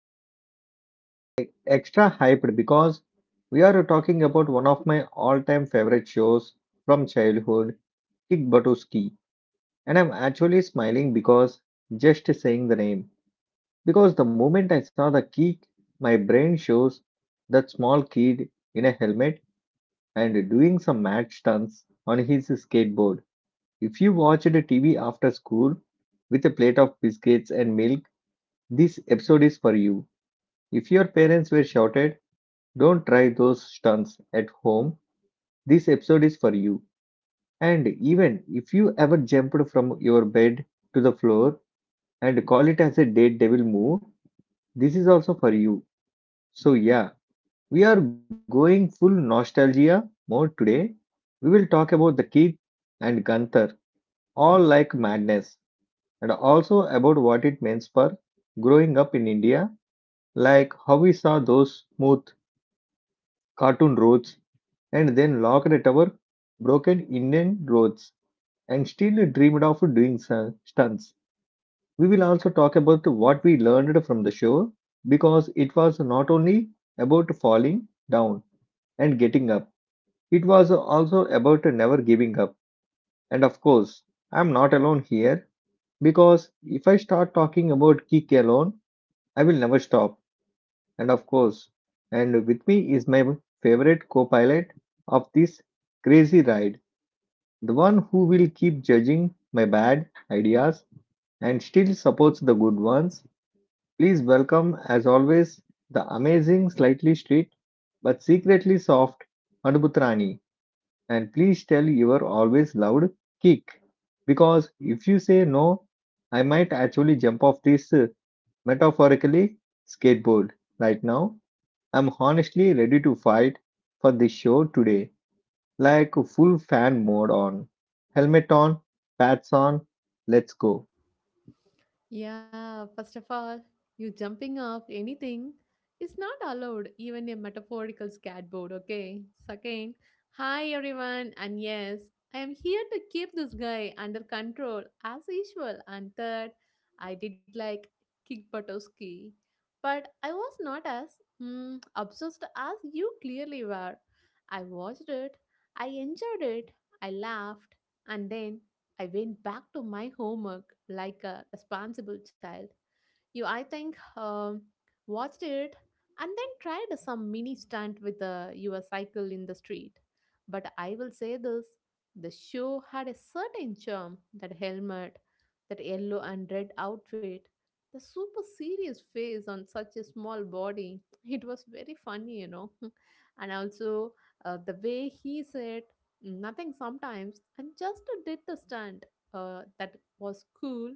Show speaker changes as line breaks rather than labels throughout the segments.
And today I'm extra hyped because we are talking about one of my all time favorite shows from childhood, Kick Buttowski. And I'm actually smiling because just saying the name. Because the moment I saw the kick, my brain shows that small kid in a helmet and doing some mad stunts on his skateboard. If you watched TV after school with a plate of biscuits and milk, this episode is for you. If your parents were shouted, don't try those stunts at home, this episode is for you. And even if you ever jumped from your bed to the floor and call it as a daredevil move, this is also for you. So, yeah, we are going full nostalgia mode today. We will talk about the kid and Gunther, all like madness, and also about what it means for growing up in India, like how we saw those smooth cartoon roads and then locked at our broken Indian roads and still dreamed of doing stunts. We will also talk about what we learned from the show because it was not only about falling down and getting up, it was also about never giving up. And of course, I'm not alone here because if I start talking about kick alone, I will never stop. And of course, and with me is my favorite co pilot of this crazy ride, the one who will keep judging my bad ideas and still supports the good ones. Please welcome, as always, the amazing, slightly strict but secretly soft Anubutrani. And please tell your always loud kick. Because if you say no, I might actually jump off this metaphorically skateboard right now. I'm honestly ready to fight for this show today. Like full fan mode on. Helmet on, pads on, let's go.
Yeah, first of all, you jumping off anything is not allowed, even a metaphorical skateboard, okay? Second, hi everyone, and yes, I am here to keep this guy under control as usual. And third, I did like kick Butowski, but I was not as obsessed as you clearly were. I watched it, I enjoyed it, I laughed, and then I went back to my homework like a responsible child. You, I think, watched it and then tried some mini stunt with your cycle in the street. But I will say this, the show had a certain charm, that helmet, that yellow and red outfit, the super serious face on such a small body. It was very funny. And also the way he said nothing sometimes and just did the stunt, that was cool.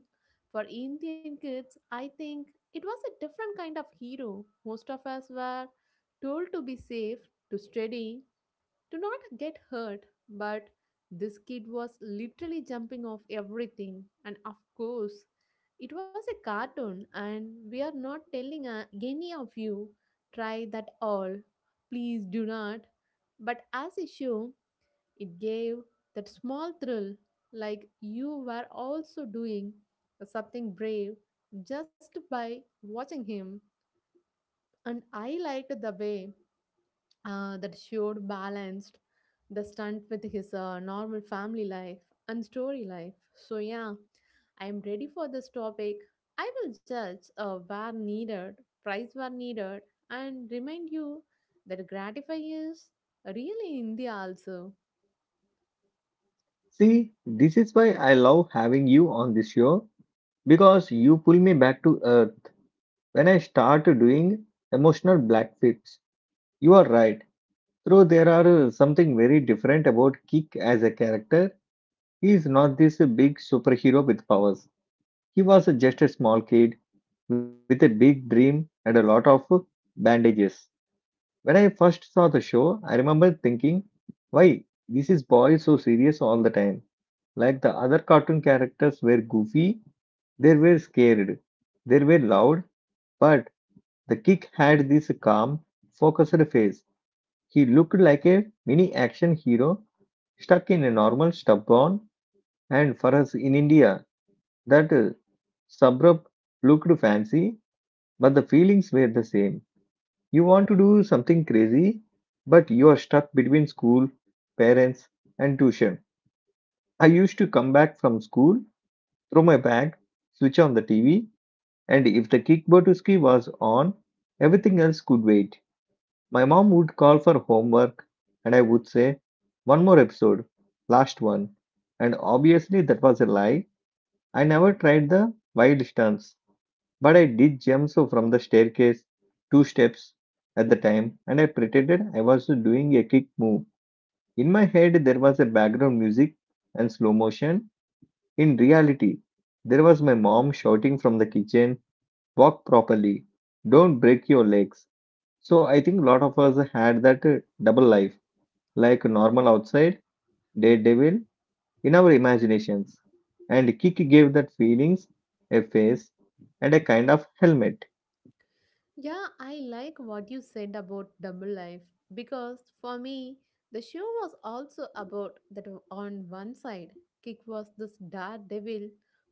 For Indian kids, I think it was a different kind of hero. Most of us were told to be safe, to steady, to not get hurt, but this kid was literally jumping off everything. And of course, it was a cartoon, and we are not telling any of you, try that all, please do not. But as a show, it gave that small thrill, like you were also doing something brave just by watching him. And I liked the way that showed, balanced the stunt with his normal family life and story life. So, yeah, I am ready for this topic. I will judge where needed, price where needed, and remind you that gratify is really India also.
See, this is why I love having you on this show because you pull me back to earth when I start doing emotional black flips. You are right. Though there are something very different about Kick as a character. He is not this big superhero with powers. He was just a small kid with a big dream and a lot of bandages. When I first saw the show, I remember thinking, why this is boy so serious all the time? Like the other cartoon characters were goofy, they were scared, they were loud, but the kick had this calm, focused face. He looked like a mini action hero stuck in a normal stubborn and for us in India that suburb looked fancy, but the feelings were the same. You want to do something crazy, but you are stuck between school, parents, and tuition. I used to come back from school, throw my bag, switch on the TV, and if the kick Kickbotuski was on, everything else could wait. My mom would call for homework, and I would say, one more episode, last one. And obviously, that was a lie. I never tried the wild stunts. But I did jump so from the staircase, two steps at the time, and I pretended I was doing a kick move. In my head, there was a background music and slow motion. In reality, there was my mom shouting from the kitchen, walk properly, don't break your legs. So I think a lot of us had that double life, like normal outside, daredevil in our imaginations. And kick gave that feelings, a face, and a kind of helmet.
Yeah, I like what you said about double life because for me, the show was also about that. On one side, Kick was this daredevil,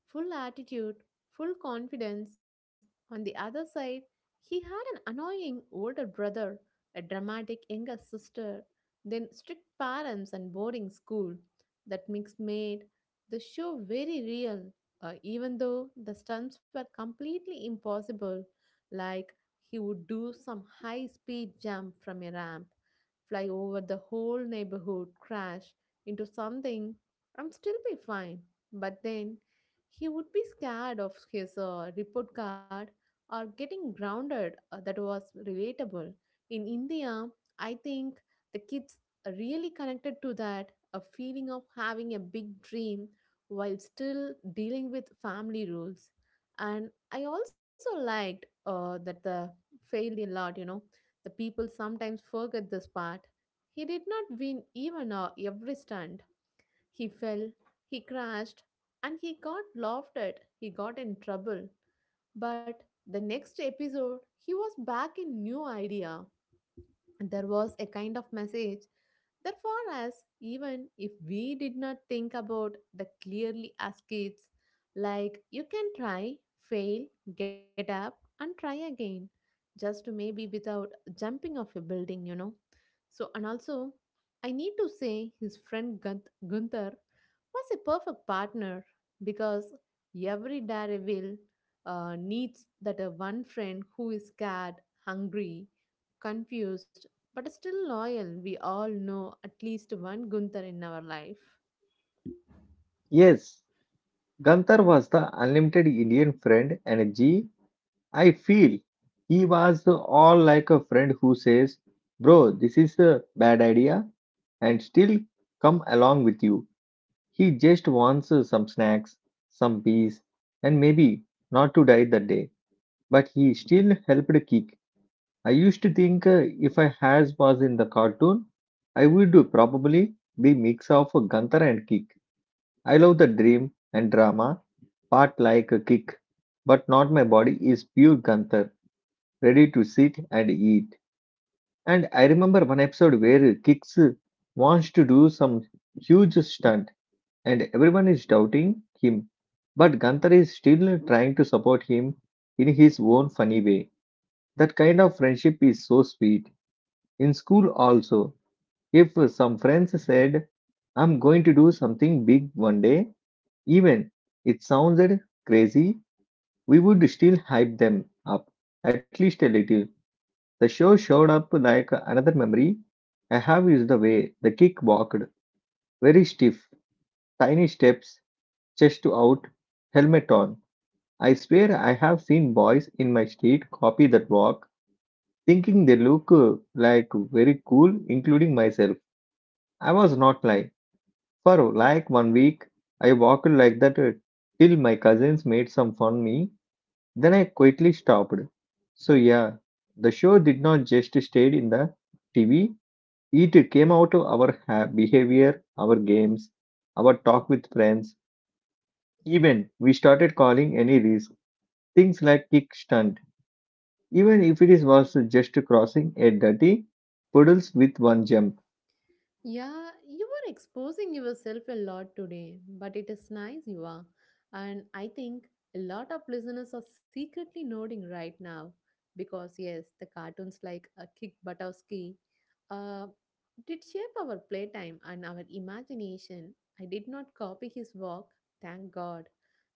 full attitude, full confidence. On the other side, he had an annoying older brother, a dramatic younger sister, then strict parents and boarding school. That mix made the show very real, even though the stunts were completely impossible. Like he would do some high speed jump from a ramp, fly over the whole neighborhood, crash into something, and still be fine. But then he would be scared of his report card or getting grounded. That was relatable. In India, I think the kids are really connected to that, a feeling of having a big dream while still dealing with family rules. And I also liked that the failed a lot, The people sometimes forget this part. He did not win even every stunt. He fell, he crashed, and he got laughed at. He got in trouble. But the next episode, he was back in new idea. There was a kind of message, therefore, us, even if we did not think about the clearly as kids, like you can try, fail, get up, and try again, just maybe without jumping off a building. So, and also, I need to say his friend Gunther was a perfect partner, because every daredevil needs that one friend who is scared, hungry, confused, but still loyal. We all know at least one Gunther in our life.
Yes, Gandhar was the unlimited Indian friend energy. I feel he was all like a friend who says, bro, this is a bad idea, and still come along with you. He just wants some snacks, some peace, and maybe not to die that day. But he still helped kick. I used to think if I has was in the cartoon, I would probably be mix of Gandhar and kick. I love the dream and drama part like a kick, but not my body is pure Gunther, ready to sit and eat. And I remember one episode where Kicks wants to do some huge stunt and everyone is doubting him. But Gunther is still trying to support him in his own funny way. That kind of friendship is so sweet. In school, also, if some friends said, I'm going to do something big one day, even it sounded crazy we would still hype them up at least a little. The show showed up like another memory I have is the way the kick walked, very stiff, tiny steps, chest out, helmet on. I swear I have seen boys in my street copy that walk, thinking they look like very cool, including myself. I was not lying. For like one week, I walked like that till my cousins made some fun me. Then I quietly stopped. So, yeah, the show did not just stay in the TV, it came out of our behavior, our games, our talk with friends. Even we started calling any risk things like kick stunt, even if it is was just crossing a dirty puddles with one jump.
Yeah, you are exposing yourself a lot today, but it is nice you are. And I think a lot of listeners are secretly nodding right now because, yes, the cartoons like Kick Buttowski uh, did shape our playtime and our imagination. I did not copy his work, thank God,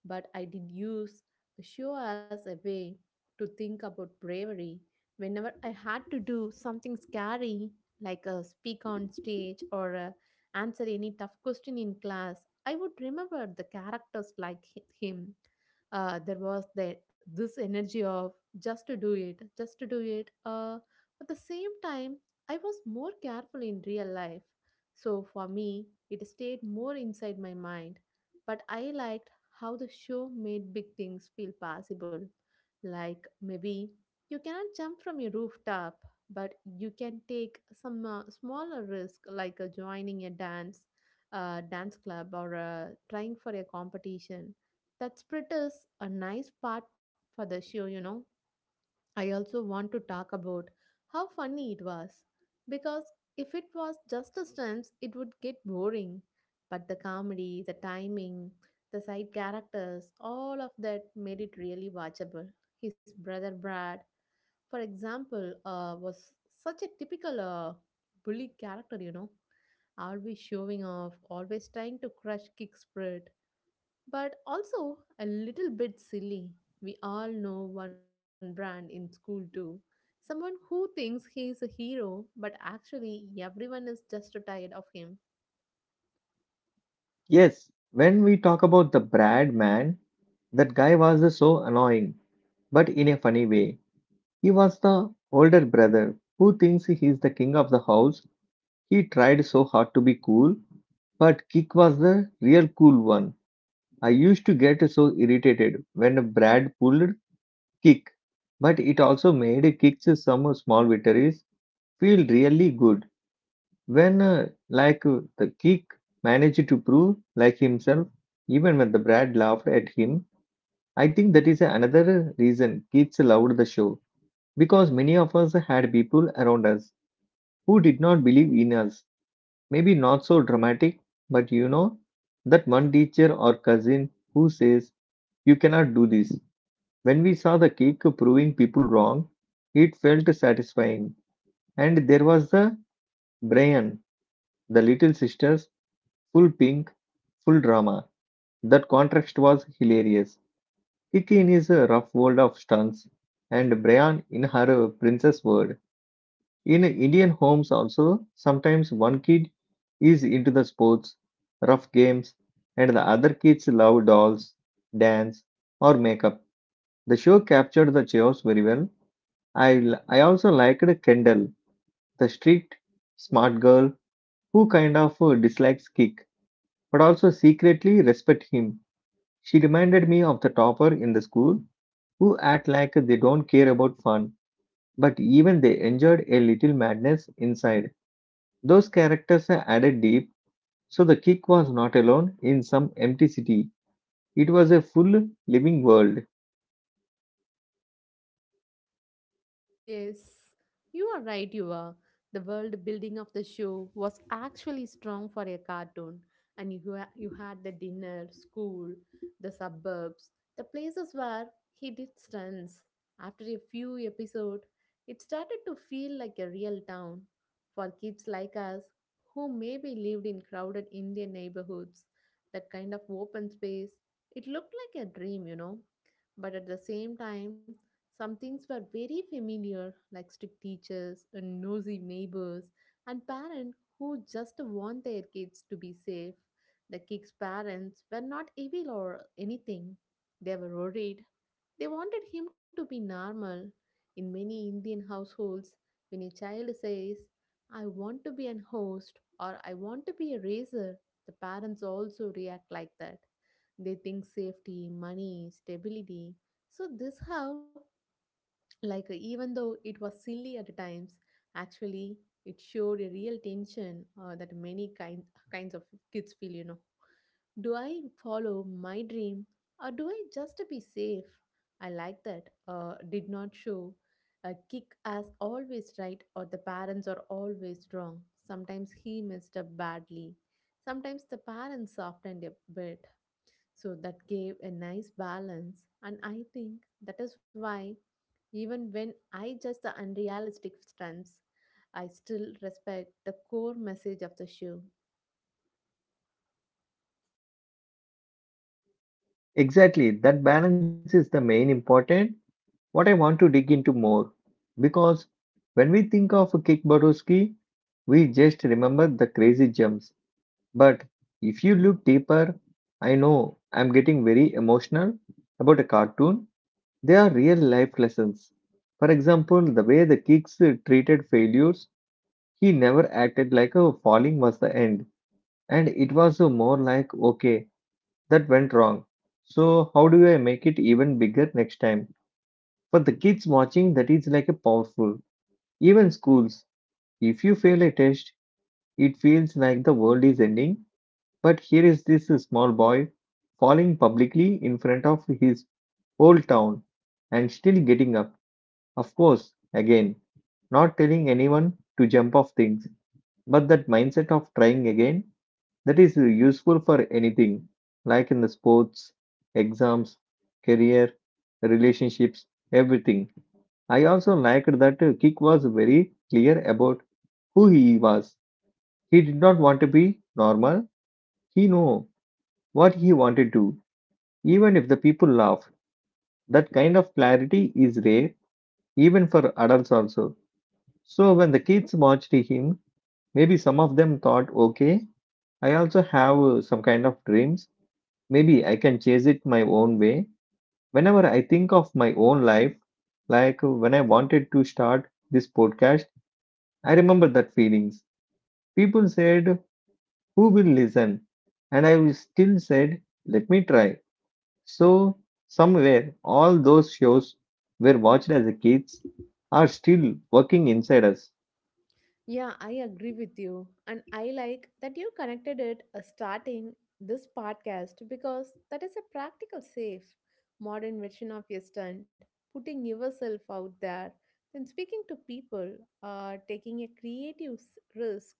but I did use the show as a way to think about bravery. Whenever I had to do something scary, like speak on stage or answer any tough question in class, I would remember the characters like him. There was this energy of just to do it, just to do it. At the same time, I was more careful in real life. So for me, it stayed more inside my mind. But I liked how the show made big things feel possible. Like maybe you cannot jump from a rooftop, but you can take some smaller risk, like joining a dance dance club or trying for a competition. That split is a nice part for the show. I also want to talk about how funny it was, because if it was just a stunts, it would get boring. But the comedy, the timing, the side characters, all of that made it really watchable. His brother Brad, for example, was such a typical bully character, you know, always showing off, always trying to crush kick spread, but also a little bit silly. We all know one brand in school too. Someone who thinks he is a hero, but actually everyone is just tired of him.
Yes, when we talk about the Brad man, that guy was so annoying, but in a funny way. He was the older brother who thinks he is the king of the house. He tried so hard to be cool, but Kick was the real cool one. I used to get so irritated when Brad pulled Kick, but it also made Kick's some small victories feel really good. When, the Kick managed to prove like himself, even when the Brad laughed at him, I think that is another reason kids loved the show because many of us had people around us who did not believe in us. Maybe not so dramatic, but you know, that one teacher or cousin who says, you cannot do this. When we saw the kick proving people wrong, it felt satisfying. And there was the Brian, the little sister's full pink, full drama. That contrast was hilarious. Kiki in his rough world of stunts, and Brian in her princess world. In Indian homes, also, sometimes one kid is into the sports, rough games, and the other kids love dolls, dance, or makeup. The show captured the chaos very well. I also liked Kendall, the strict, smart girl who kind of dislikes Kick, but also secretly respect him. She reminded me of the topper in the school who act like they don't care about fun, but even they enjoyed a little madness inside. Those characters are added deep, so the kick was not alone in some empty city. It was a full living world.
Yes, you are right, you are. The world building of the show was actually strong for a cartoon, and you had the dinner, school, the suburbs, the places where he did stunts. After a few episodes, it started to feel like a real town for kids like us who maybe lived in crowded Indian neighborhoods. That kind of open space, it looked like a dream, you know. But at the same time, some things were very familiar, like strict teachers and nosy neighbors, and parents who just want their kids to be safe. The kids' parents were not evil or anything. They were worried. They wanted him to be normal. In many Indian households, when a child says, "I want to be an host or I want to be a raiser," the parents also react like that. They think safety, money, stability. So, this how like, even though it was silly at times, actually, it showed a real tension that many kinds of kids feel, you know. Do I follow my dream or do I just be safe? I like that. Did not show a kick as always right or the parents are always wrong. Sometimes he messed up badly. Sometimes the parents softened a bit. So that gave a nice balance. And I think that is why even when I judge the unrealistic stunts, I still respect the core message of the show.
Exactly, that balance is the main important. What I want to dig into more, because when we think of Kick Buttowski, we just remember the crazy jumps. But if you look deeper, I know I'm getting very emotional about a cartoon. They are real life lessons. For example, the way the kicks treated failures. He never acted like a falling was the end, and it was a more like, okay, that went wrong. So, how do I make it even bigger next time? For the kids watching, that is like a powerful. Even schools, if you fail a test, it feels like the world is ending. But here is this small boy falling publicly in front of his whole town and still getting up. Of course, again, not telling anyone to jump off things, but that mindset of trying again that is useful for anything like in the sports, exams, career, relationships, everything. I also liked that kik was very clear about who he was. He did not want to be normal. He knew what he wanted to, even if the people laughed. That kind of clarity is rare even for adults also. So when the kids watched him, maybe some of them thought okay, I also have some kind of dreams, maybe I can chase it my own way. Whenever I think of my own life, like when I wanted to start this podcast, I remember that feelings. People said, who will listen? And I was still said, let me try. So, somewhere, all those shows were watched as a kids are still working inside us.
Yeah, I agree with you. And I like that you connected it starting this podcast, because that is a practical, safe, modern version of your stunt, putting yourself out there, then speaking to people, taking a creative risk.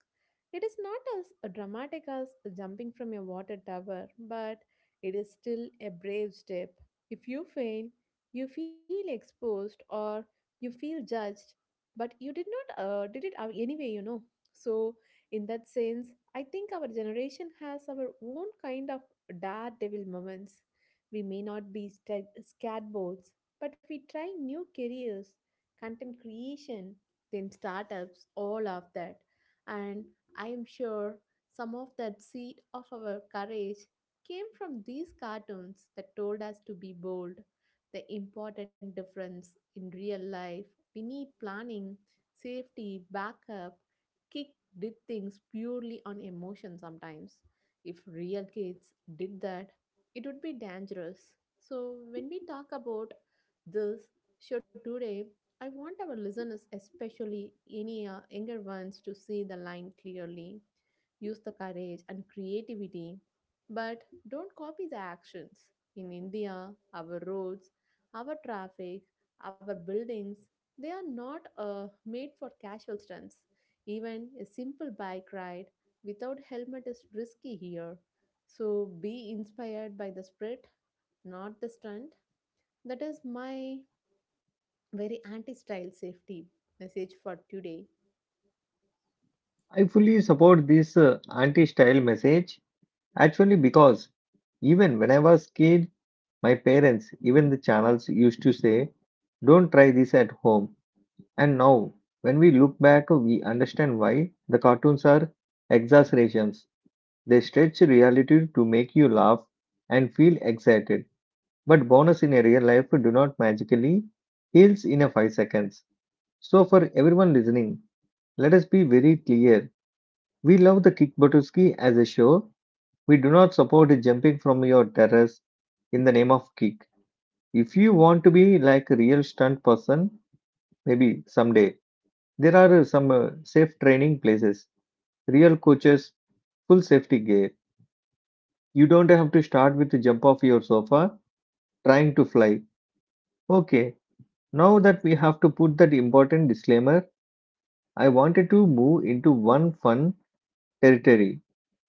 It is not as dramatic as jumping from a water tower, but it is still a brave step. If you fail, you feel exposed or you feel judged, but you did not did it anyway, you know. So in that sense, I think our generation has our own kind of daredevil moments. We may not be skateboards, but we try new careers, content creation, then startups, all of that. And I am sure some of that seed of our courage came from these cartoons that told us to be bold. The important difference in real life, we need planning, safety, backup. Kick did things purely on emotion sometimes. If real kids did that, it would be dangerous. So, when we talk about this show today, I want our listeners, especially any younger ones, to see the line clearly, use the courage and creativity, but don't copy the actions. In India, our roads, our traffic, our buildings, they are not made for casual stunts. Even a simple bike ride without helmet is risky here. So be inspired by the spirit, not the stunt. That is my very anti style safety message for today.
I fully support this anti style message actually because even when I was kid, my parents, even the channels used to say, don't try this at home. And now, when we look back, we understand why the cartoons are exaggerations. They stretch reality to make you laugh and feel excited. But bonus in a real life do not magically heals in a 5 seconds. So for everyone listening, let us be very clear. We love the kick Buttowski as a show. We do not support jumping from your terrace in the name of kick. If you want to be like a real stunt person, maybe someday. There are some safe training places, real coaches, full safety gear. You don't have to start with the jump off your sofa trying to fly. Okay, now that we have to put that important disclaimer, I wanted to move into one fun territory.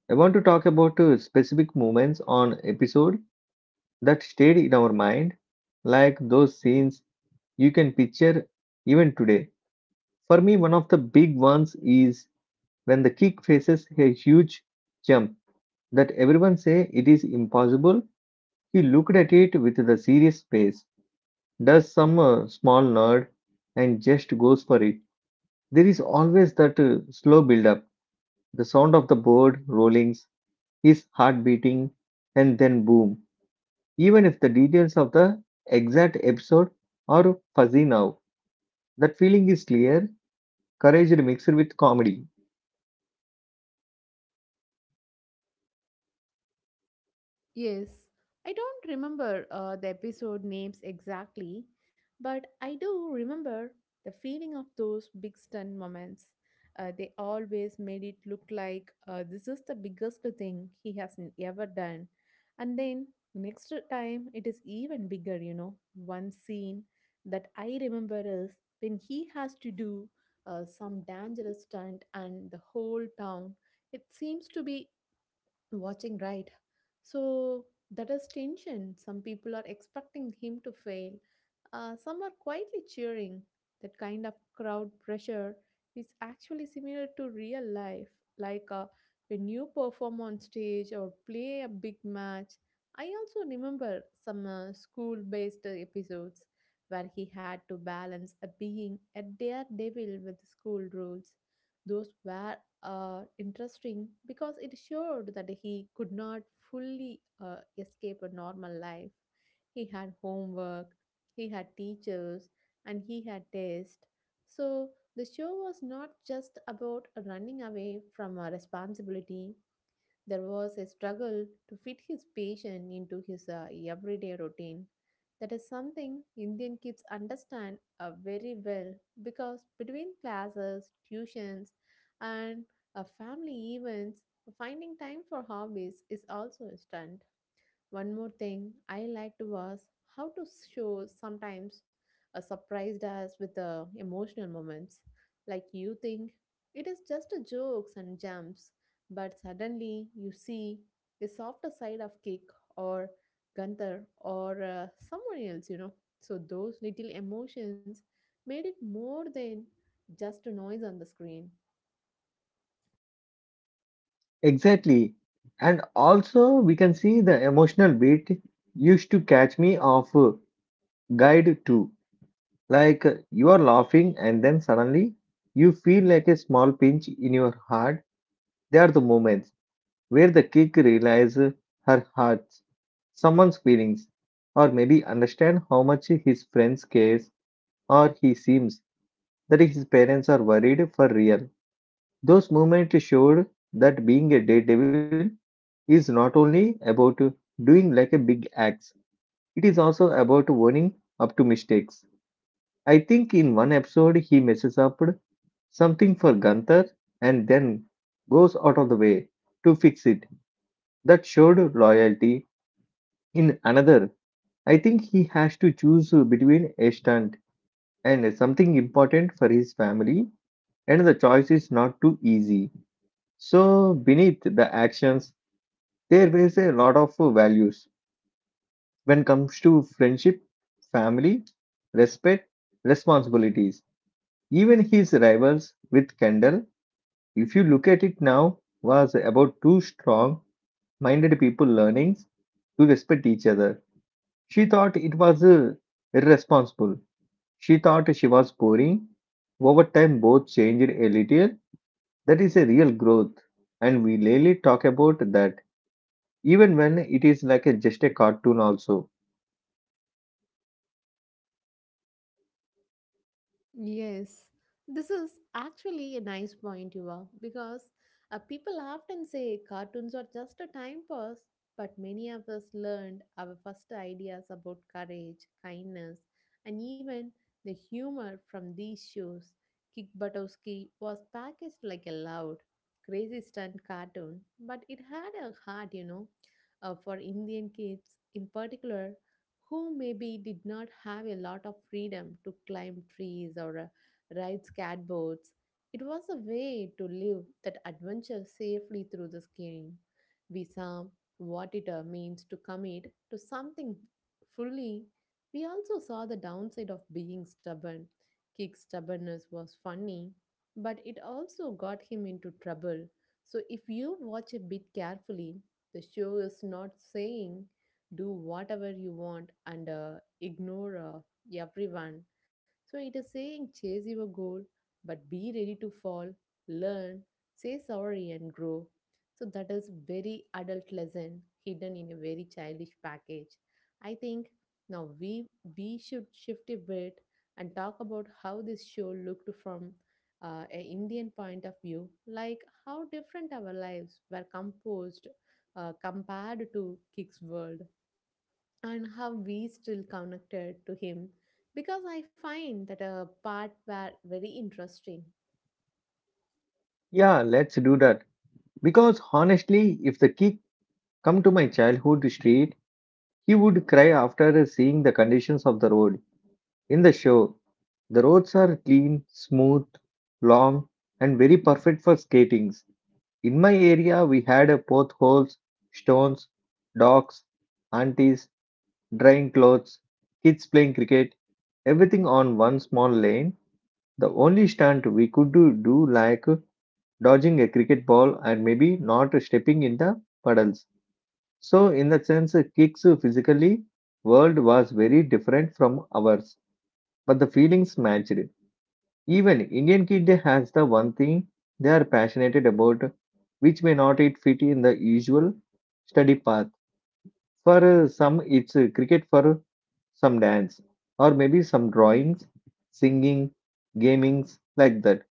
I want to talk about specific moments on episode that stayed in our mind, like those scenes you can picture even today. For me, one of the big ones is when the kick faces a huge jump that everyone say it is impossible. He looked at it with the serious face, does some small nerd, and just goes for it. There is always that slow build up, the sound of the board rollings, his heart beating, and then boom. Even if the details of the exact episode are fuzzy now, that feeling is clear, courage mixed with comedy.
Yes, I don't remember the episode names exactly, but I do remember the feeling of those big stunt moments. They always made it look like this is the biggest thing he has ever done. And then next time it is even bigger, you know. One scene that I remember is when he has to do some dangerous stunt and the whole town, it seems to be watching right. So that is tension. Some people are expecting him to fail. Some are quietly cheering. That kind of crowd pressure is actually similar to real life. Like when you perform on stage or play a big match. I also remember some school based episodes where he had to balance a being a daredevil with school rules. Those were interesting because it showed that he could not fully escape a normal life. He had homework, he had teachers, and he had tests. So the show was not just about running away from a responsibility. There was a struggle to fit his patient into his everyday routine. That is something Indian kids understand very well, because between classes, tuitions, and family events, finding time for hobbies is also a stunt. One more thing I liked was how to show sometimes surprised us with the emotional moments. Like you think it is just a jokes and jumps, but suddenly you see a softer side of Kick or Gunther or someone else. So those little emotions made it more than just a noise on the screen.
Exactly. And also, we can see the emotional beat used to catch me off guide to. Like you are laughing and then suddenly you feel like a small pinch in your heart. They are the moments where the kick realizes her heart, someone's feelings, or maybe understand how much his friends cares or he seems that his parents are worried for real. Those moments showed that being a daredevil is not only about doing like a big acts, it is also about owning up to mistakes. I think in one episode he messes up something for Gunther and then goes out of the way to fix it. That showed loyalty. In another, I think he has to choose between a stunt and something important for his family, and the choice is not too easy. So, beneath the actions, there was a lot of values when comes to friendship, family, respect, responsibilities. Even his rivals with Kendall, if you look at it now, was about two strong minded people learning to respect each other. She thought it was irresponsible. She thought she was boring. Over time, both changed a little. That is a real growth, and we rarely talk about that, even when it is like a, just a cartoon. Also,
Yes, this is actually a nice point, Yuva, because people often say cartoons are just a time pass, but many of us learned our first ideas about courage, kindness, and even the humor from these shows. Kick Buttowski was packaged like a loud, crazy stunt cartoon, but it had a heart, for Indian kids in particular who maybe did not have a lot of freedom to climb trees or ride skateboards. It was a way to live that adventure safely through the scheme. We saw what it means to commit to something fully. We also saw the downside of being stubborn. Kick's stubbornness was funny, but it also got him into trouble. So if you watch a bit carefully, the show is not saying do whatever you want and ignore everyone. So it is saying chase your goal, but be ready to fall, learn, say sorry, and grow. So that is very adult lesson hidden in a very childish package. I think now we should shift a bit and talk about how this show looked from a Indian point of view, like how different our lives were composed compared to Kick's world and how we still connected to him because I find that a part were very interesting.
yeah, let's do that. Because honestly, if the kid come to my childhood street, he would cry after seeing the conditions of the road. In the show, the roads are clean, smooth, long, and very perfect for skating. In my area, we had a potholes, stones, dogs, aunties, drying clothes, kids playing cricket, everything on one small lane. The only stunt we could do like dodging a cricket ball and maybe not stepping in the puddles. So, in that sense, kicks physically world was very different from ours, but the feelings matched. Even Indian kid has the one thing they are passionate about, which may not it fit in the usual study path. For some, it's cricket. For some dance, or maybe some drawings, singing, gamings like that.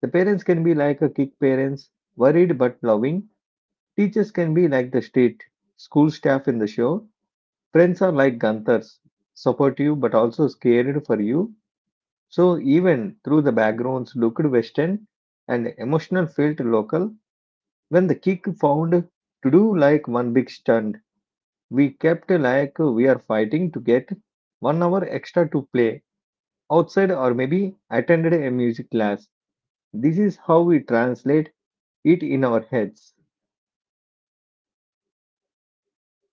The parents can be like a kick parents, worried but loving. Teachers can be like the state school staff in the show. Friends are like Ganthers, supportive but also scared for you. So even through the backgrounds looked western and emotional felt local, when the kick found to do like one big stunt, we kept like we are fighting to get 1 hour extra to play outside or maybe attended a music class. This is how we translate it in our heads.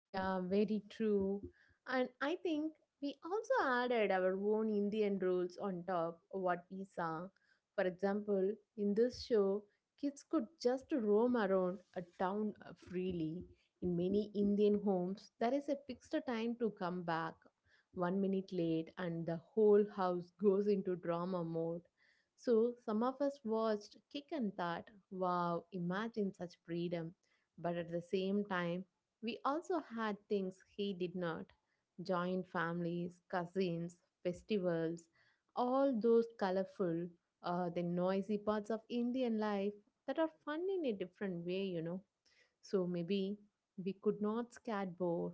Yeah, very true. And I think we also added our own Indian rules on top of what we saw. For example, in this show, kids could just roam around a town freely. In many Indian homes, there is a fixed time to come back. One minute late, and the whole house goes into drama mode. So, some of us watched Kick and thought, wow, imagine such freedom. But at the same time, we also had things he did not joint families, cousins, festivals, all those colorful, the noisy parts of Indian life that are fun in a different way. So maybe we could not skateboard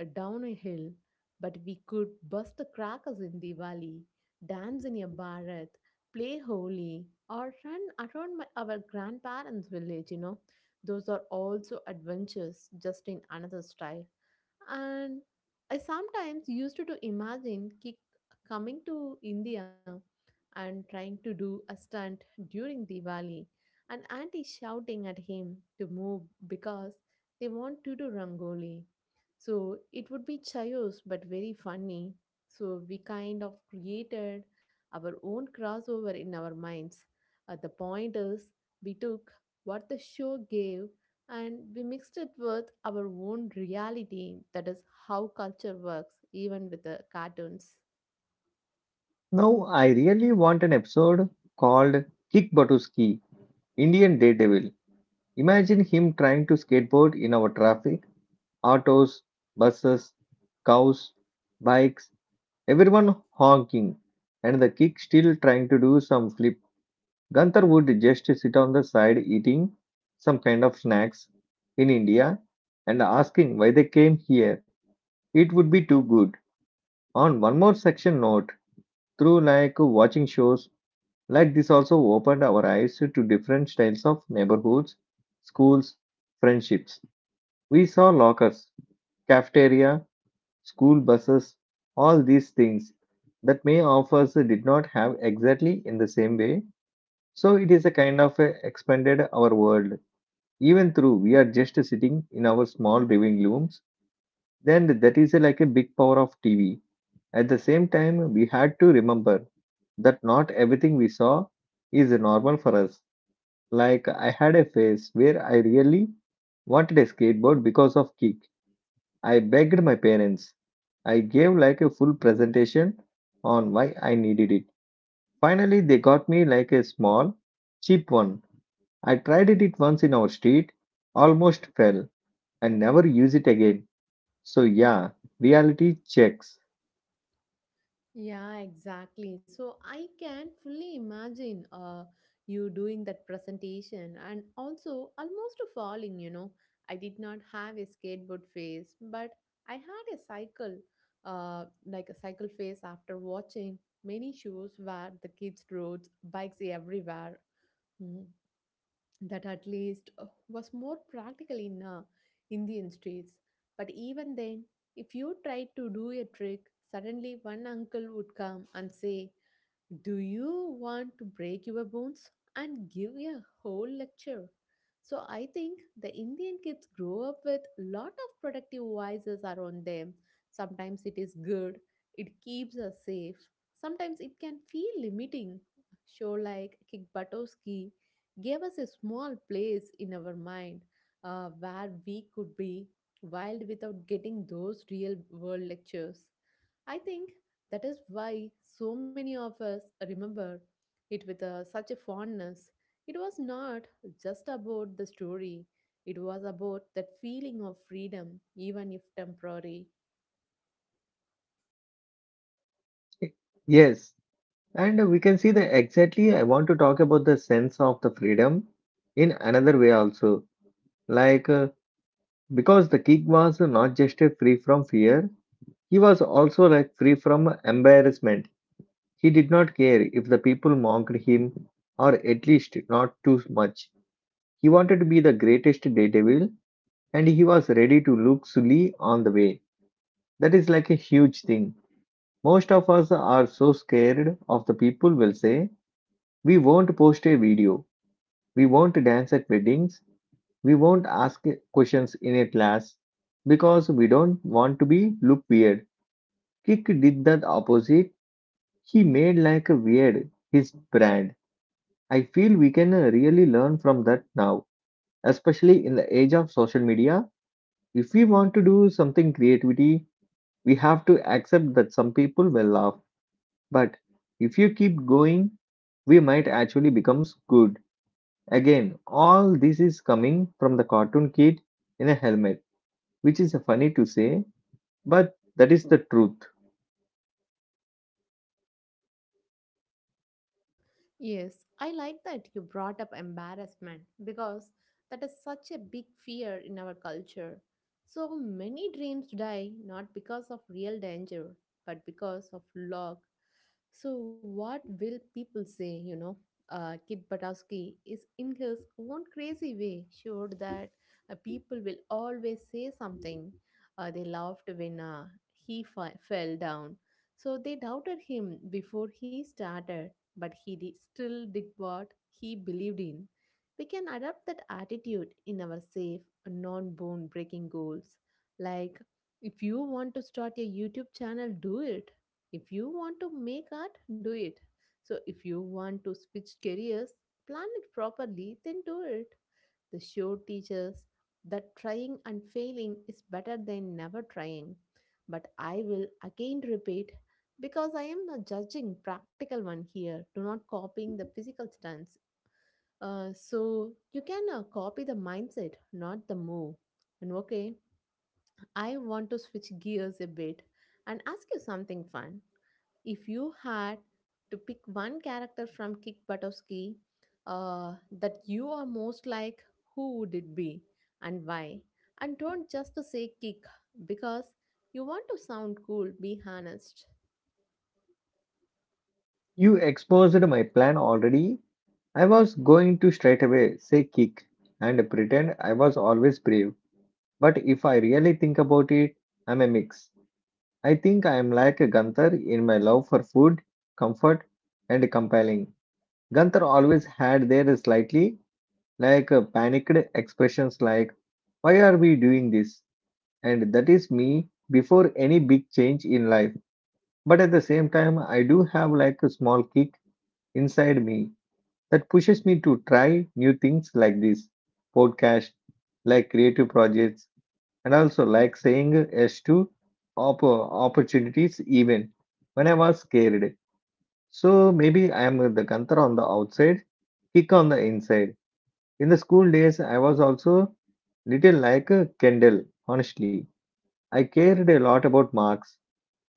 down a hill, but we could bust the crackers in the valley, dance in a bharat, play holy, or run around my, our grandparents' village. Those are also adventures, just in another style and I sometimes used to imagine kick coming to India and trying to do a stunt during Diwali, and auntie shouting at him to move because they want to do rangoli. So it would be chaos but very funny. So we kind of created our own crossover in our minds. The point is, we took what the show gave and we mixed it with our own reality. That is how culture works, even with the cartoons.
Now I really want an episode called Kick Batuski, Indian Daredevil. Imagine him trying to skateboard in our traffic autos, buses, cows, bikes, everyone honking, and the kick still trying to do some flip. Gunther would just sit on the side eating some kind of snacks in India and asking why they came here. It would be too good. On one more section note, through like watching shows like this also opened our eyes to different styles of neighborhoods, schools, friendships. We saw lockers, cafeteria, school buses, all these things that may of us did not have exactly in the same way. So it is a kind of a expanded our world. Even through we are just sitting in our small living rooms, then that is like a big power of TV. At the same time, we had to remember that not everything we saw is normal for us. Like I had a phase where I really wanted a skateboard because of kick. I begged my parents. I gave like a full presentation on why I needed it. Finally, they got me like a small, cheap one. I tried it once in our street, almost fell, and never use it again. So yeah, reality checks.
Yeah, exactly. So I can fully imagine you doing that presentation and also almost falling. I did not have a skateboard face, but I had a cycle, like a cycle face after watching many shows where the kids rode bikes everywhere. Mm-hmm. That at least was more practical in Indian streets. But even then, if you tried to do a trick, suddenly one uncle would come and say, do you want to break your bones and give a whole lecture? So I think the Indian kids grow up with lot of protective voices around them. Sometimes it is good, it keeps us safe. Sometimes it can feel limiting. Show like Kikbatowski gave us a small place in our mind where we could be wild without getting those real world lectures. I think that is why so many of us remember it with such a fondness. It was not just about the story, it was about that feeling of freedom, even if temporary.
Yes, and we can see that exactly. I want to talk about the sense of the freedom in another way also. Like, because the kick was not just a free from fear, he was also like free from embarrassment. He did not care if the people mocked him, or at least not too much. He wanted to be the greatest daredevil, and he was ready to look silly on the way. That is like a huge thing. Most of us are so scared of the people will say, we won't post a video, we won't dance at weddings, we won't ask questions in a class because we don't want to be look weird. Kick did the opposite. He made like a weird his brand. I feel we can really learn from that now, especially in the age of social media. If we want to do something creativity, we have to accept that some people will laugh. But if you keep going, we might actually become good. Again, all this is coming from the cartoon kid in a helmet, which is funny to say, but that is the truth.
Yes, I like that you brought up embarrassment because that is such a big fear in our culture. So many dreams die not because of real danger, but because of luck. So, what will people say? Kit Batowski is in his own crazy way sure that people will always say something. They laughed when he fell down. So, they doubted him before he started but he still did what he believed in. We can adopt that attitude in our safe, non bone breaking goals. Like, if you want to start a YouTube channel, do it. If you want to make art, do it. So, if you want to switch careers, plan it properly, then do it. The show teaches that trying and failing is better than never trying. But I will again repeat because I am a judging practical one here, do not copying the physical stunts. So you can copy the mindset, not the move. And okay, I want to switch gears a bit and ask you something fun. If you had to pick one character from Kick Buttowski that you are most like, who would it be and why? And don't just say kick because you want to sound cool, be honest.
You exposed my plan already. I was going to straight away say kick and pretend I was always brave. But if I really think about it, I'm a mix. I think I am like a Gunther in my love for food, comfort, and compelling. Gunther always had their slightly like panicked expressions like, "Why are we doing this?" And that is me before any big change in life. But at the same time, I do have like a small kick inside me that pushes me to try new things like this podcast, like creative projects, and also like saying yes to opportunities even when I was scared. So maybe I am the Kantara on the outside, kick on the inside. In the school days, I was also little like a Kendall, honestly. I cared a lot about marks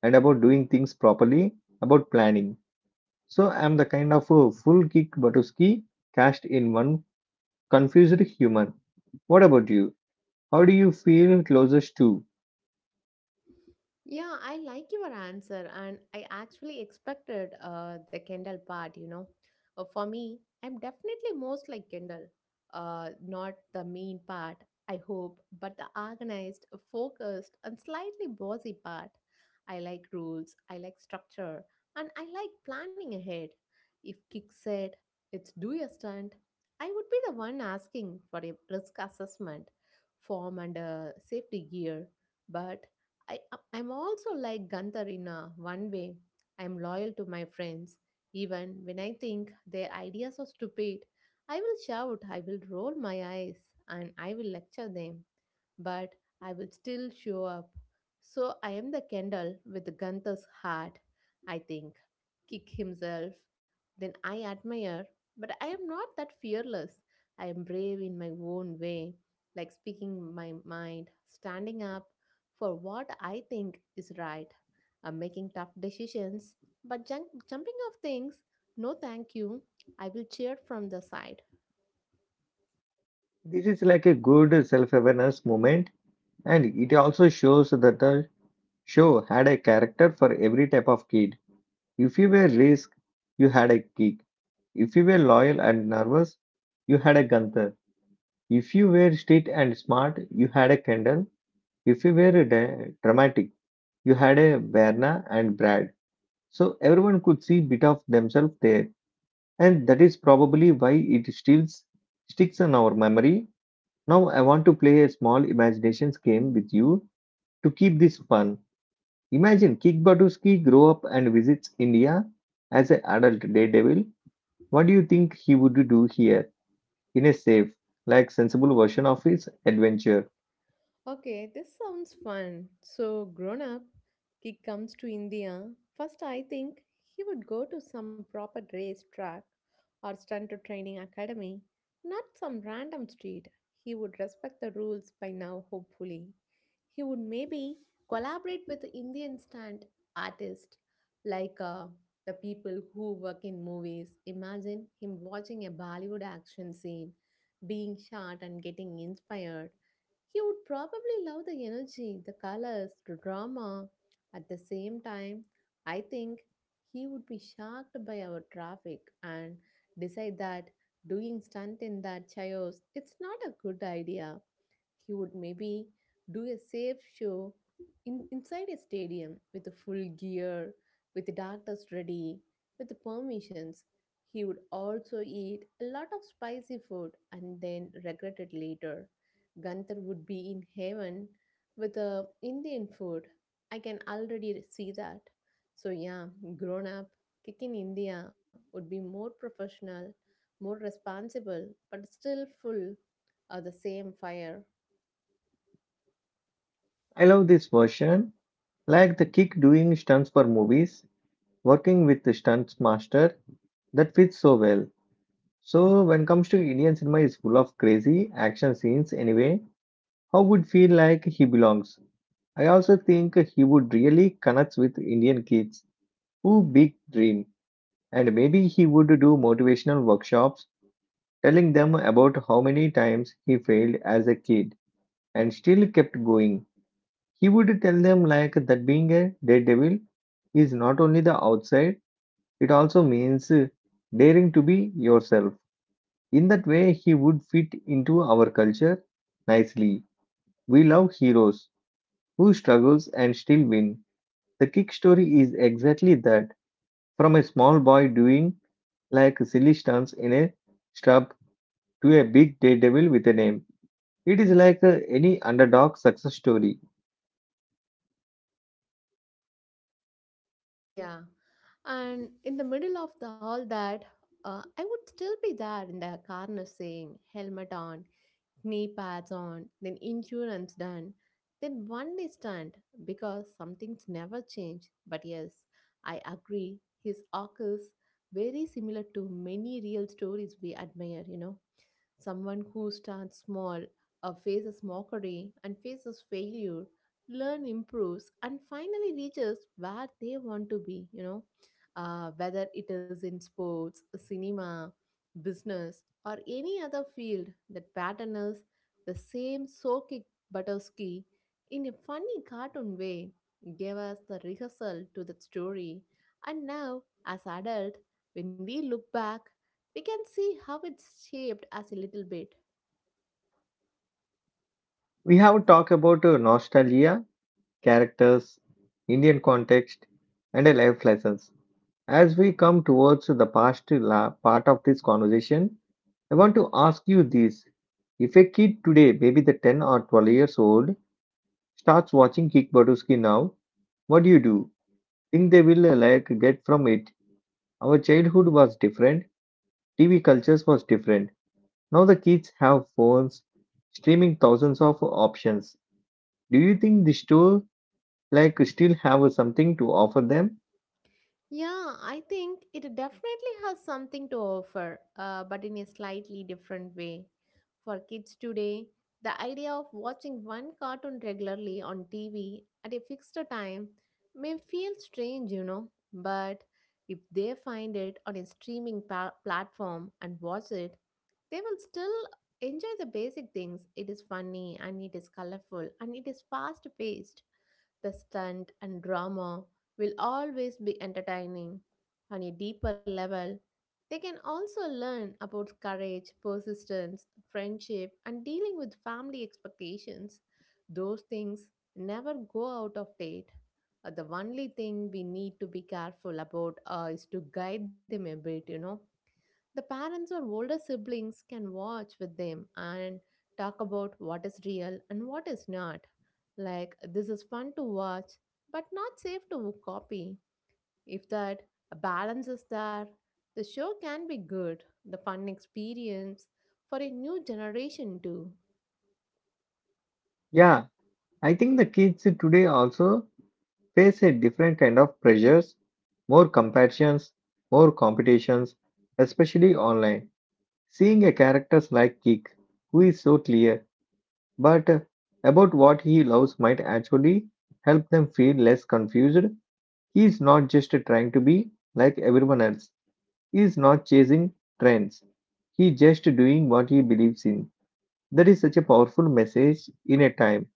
and about doing things properly, about planning. So I'm the kind of a full kick Batuski cast in one confused human. What about you? How do you feel closest to?
Yeah, I like your answer, and I actually expected the Kendall part. For me, I'm definitely most like Kendall, not the mean part, I hope, but the organized, focused, and slightly bossy part. I like rules, I like structure, and I like planning ahead. If Kick said, "Let's do your stunt, I would be the one asking for a risk assessment, form, and a safety gear. But I, I'm also like Gunther in a one way. I'm loyal to my friends. Even when I think their ideas are stupid, I will shout, I will roll my eyes, and I will lecture them but I will still show up. So I am the Kendall with Gunther's heart, I think. Kick himself. Then I admire, but I am not that fearless. I am brave in my own way, like speaking my mind, standing up for what I think is right. I'm making tough decisions, but jumping off things, no thank you. I will cheer from the side.
This is like a good self-awareness moment, and it also shows that the show had a character for every type of kid. If you were risk, you had a kick. If you were loyal and nervous, you had a Gunther. If you were strict and smart, you had a Kendall. If you were dramatic, you had a Verna and Brad. So everyone could see bit of themselves there. And that is probably why it still sticks in our memory. Now I want to play a small imaginations game with you to keep this fun. Imagine Kickbaduski grow up and visits India as an adult daredevil. What do you think he would do here in a safe, like sensible version of his adventure?
Okay, this sounds fun. So, grown up, kid comes to India. First, I think he would go to some proper race track or stunt training academy, not some random street. He would respect the rules by now, hopefully. He would maybe collaborate with Indian stunt artists like the people who work in movies. Imagine him watching a Bollywood action scene, being shot and getting inspired he would probably love the energy, the colors, the drama. At the same time, I think he would be shocked by our traffic and decide that doing stunt in that chaos it's not a good idea. He would maybe do a safe show in, inside a stadium with the full gear, with the doctors ready, with the permissions. He would also eat a lot of spicy food and then regret it later. Gunther would be in heaven with Indian food. I can already see that. So, yeah, grown up, kick in India would be more professional, more responsible, but still full of the same fire.
I love this version, like the kick doing stunts for movies, working with the stunts master. That fits so well. So when comes to Indian cinema is full of crazy action scenes anyway, how would feel like he belongs. I also think he would really connect with Indian kids who big dream and maybe he would do motivational workshops telling them about how many times he failed as a kid and still kept going. He would tell them like that being a daredevil is not only the outside, it also means daring to be yourself. In that way, he would fit into our culture nicely. We love heroes who struggles and still win. The kick story is exactly that. From a small boy doing like silly stunts in a shrub to a big daredevil with a name. It is like any underdog success story.
Yeah, and in the middle of all that, I would still be there in the corner saying helmet on, knee pads on, then insurance done, then one day stunned because some things never change. But yes, I agree, his arc is very similar to many real stories we admire, you know. Someone who starts small, faces mockery, and faces failure, learn, improves, and finally reaches where they want to be, you know, whether it is in sports, cinema, business, or any other field, that pattern is the same Sokik Butowski in a funny cartoon way gave us the rehearsal to that story and now as adult when we look back we can see how it's shaped as a little bit.
We have talked about nostalgia, characters, Indian context, and a life lessons. As we come towards the past part of this conversation, I want to ask you this. If a kid today, maybe the 10 or 12 years old, starts watching Kickbaduski now, what do you do? Think they will like get from it? Our childhood was different, TV cultures was different. Now the kids have phones, streaming thousands of options. Do you think the store like still have something to offer them?
Yeah, I think it definitely has something to offer, but in a slightly different way. For kids today, the idea of watching one cartoon regularly on TV at a fixed time may feel strange, you know, but if they find it on a streaming platform and watch it, they will still enjoy the basic things. It is funny and it is colorful and it is fast paced. The stunt and drama will always be entertaining. On a deeper level, they can also learn about courage, persistence, friendship, and dealing with family expectations. Those things never go out of date. The only thing we need to be careful about is to guide them a bit, you know the parents or older siblings can watch with them and talk about what is real and what is not. Like, this is fun to watch, but not safe to copy. If that balance is there, the show can be good, the fun experience for a new generation too.
Yeah, I think the kids today also face a different kind of pressures, more comparisons, more competitions, especially online. Seeing a character like Kick, who is so clear but about what he loves, might actually help them feel less confused. He is not just trying to be like everyone else, he is not chasing trends, he is just doing what he believes in. That is such a powerful message in a time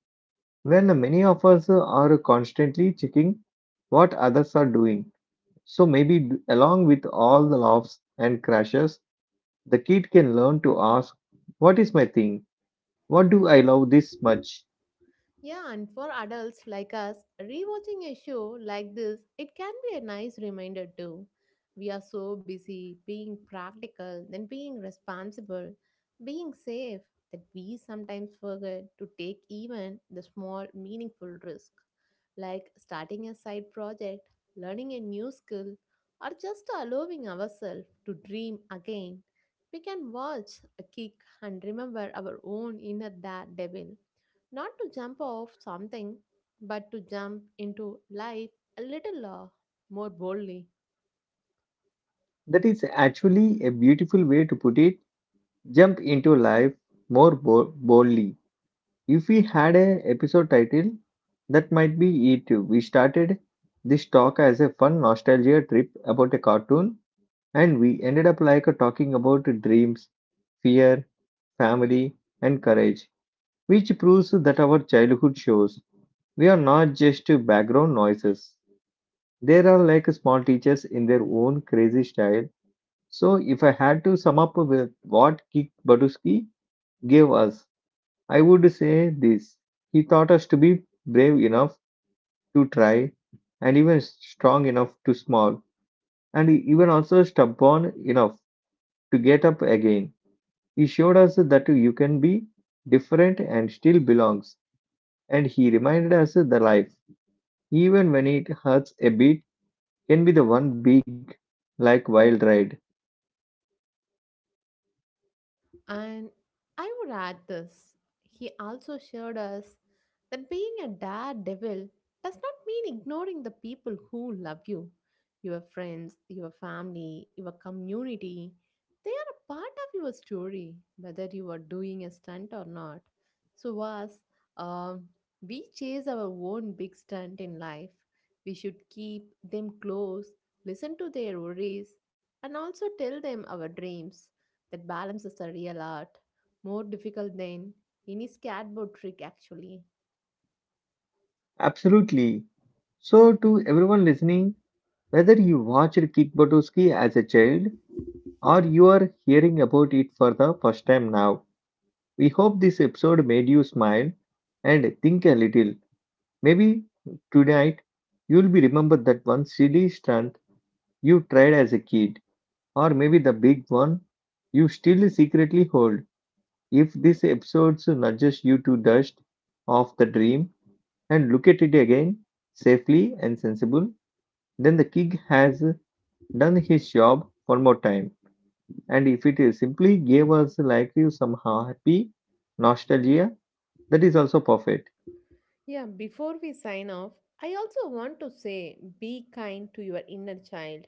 when many of us are constantly checking what others are doing so maybe along with all the laughs and crashes, the kid can learn to ask, "What is my thing? What do I love this much?"
Yeah, and for adults like us, rewatching a show like this, it can be a nice reminder too. We are so busy being practical, then being responsible, being safe, that we sometimes forget to take even the small, meaningful risk, like starting a side project, learning a new skill, or just allowing ourselves to dream again. We can watch, a kick, and remember our own inner devil not to jump off something, but to jump into life a little more boldly.
That is actually a beautiful way to put it. Jump into life more boldly. If we had a episode title, that might be it. We started this talk as a fun nostalgia trip about a cartoon, and we ended up like talking about dreams, fear, family, and courage, which proves that our childhood shows. We are not just background noises. They are like small teachers in their own crazy style. So, if I had to sum up with what Kik Baduski gave us, I would say this. He taught us to be brave enough to try, and even strong enough to small, and even also stubborn enough to get up again. He showed us that you can be different and still belongs, and he reminded us the life, even when it hurts a bit can be the one big, like wild ride.
And I would add this. He also showed us that being a daredevil does not mean ignoring the people who love you. Your friends, your family, your community, they are a part of your story, whether you are doing a stunt or not. So, us, um, we chase our own big stunt in life. We should keep them close, listen to their worries, and also tell them our dreams that balance is a real art, more difficult than any skateboard trick, actually.
Absolutely. So, to everyone listening, whether you watched Kickbuttowski as a child or you are hearing about it for the first time now, we hope this episode made you smile and think a little. Maybe tonight you'll be remember that one silly stunt you tried as a kid, or maybe the big one you still secretly hold. If this episode nudges you to dust off the dream and look at it again, safely and sensible, then the king has done his job one more time. And if it is simply gave us like you some happy nostalgia, that is also perfect.
Yeah, before we sign off, I also want to say be kind to your inner child.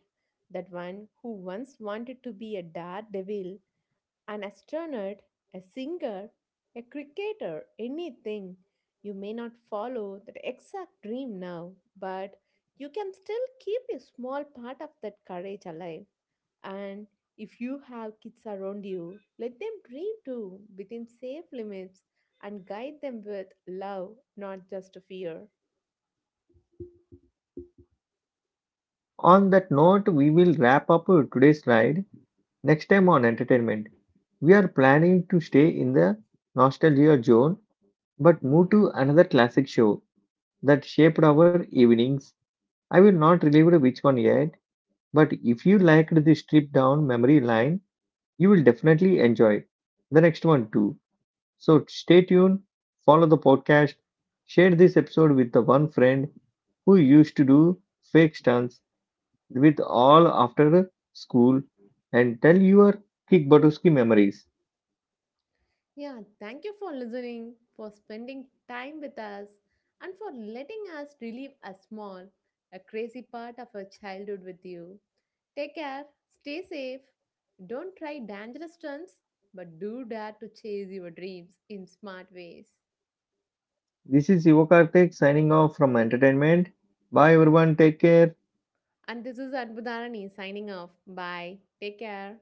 That one who once wanted to be a daredevil An astronaut, a singer, a cricketer, anything. You may not follow that exact dream now, but you can still keep a small part of that courage alive. And if you have kids around you, let them dream too within safe limits and guide them with love, not just fear.
On that note, we will wrap up today's slide. Next time on entertainment, we are planning to stay in the nostalgia zone but move to another classic show that shaped our evenings. I will not reveal which one yet, but if you liked the stripped down memory line, you will definitely enjoy the next one too. So stay tuned, follow the podcast, share this episode with the one friend who used to do fake stunts with all after school and tell your kickbutowski memories.
Yeah, thank you for listening, for spending time with us, and for letting us relive a small, a crazy part of our childhood with you. Take care, stay safe, don't try dangerous stunts, but do dare to chase your dreams in smart ways.
This is Yuva Karthik signing off from entertainment. Bye everyone, take care.
And this is Anbudharani signing off. Bye. Take care.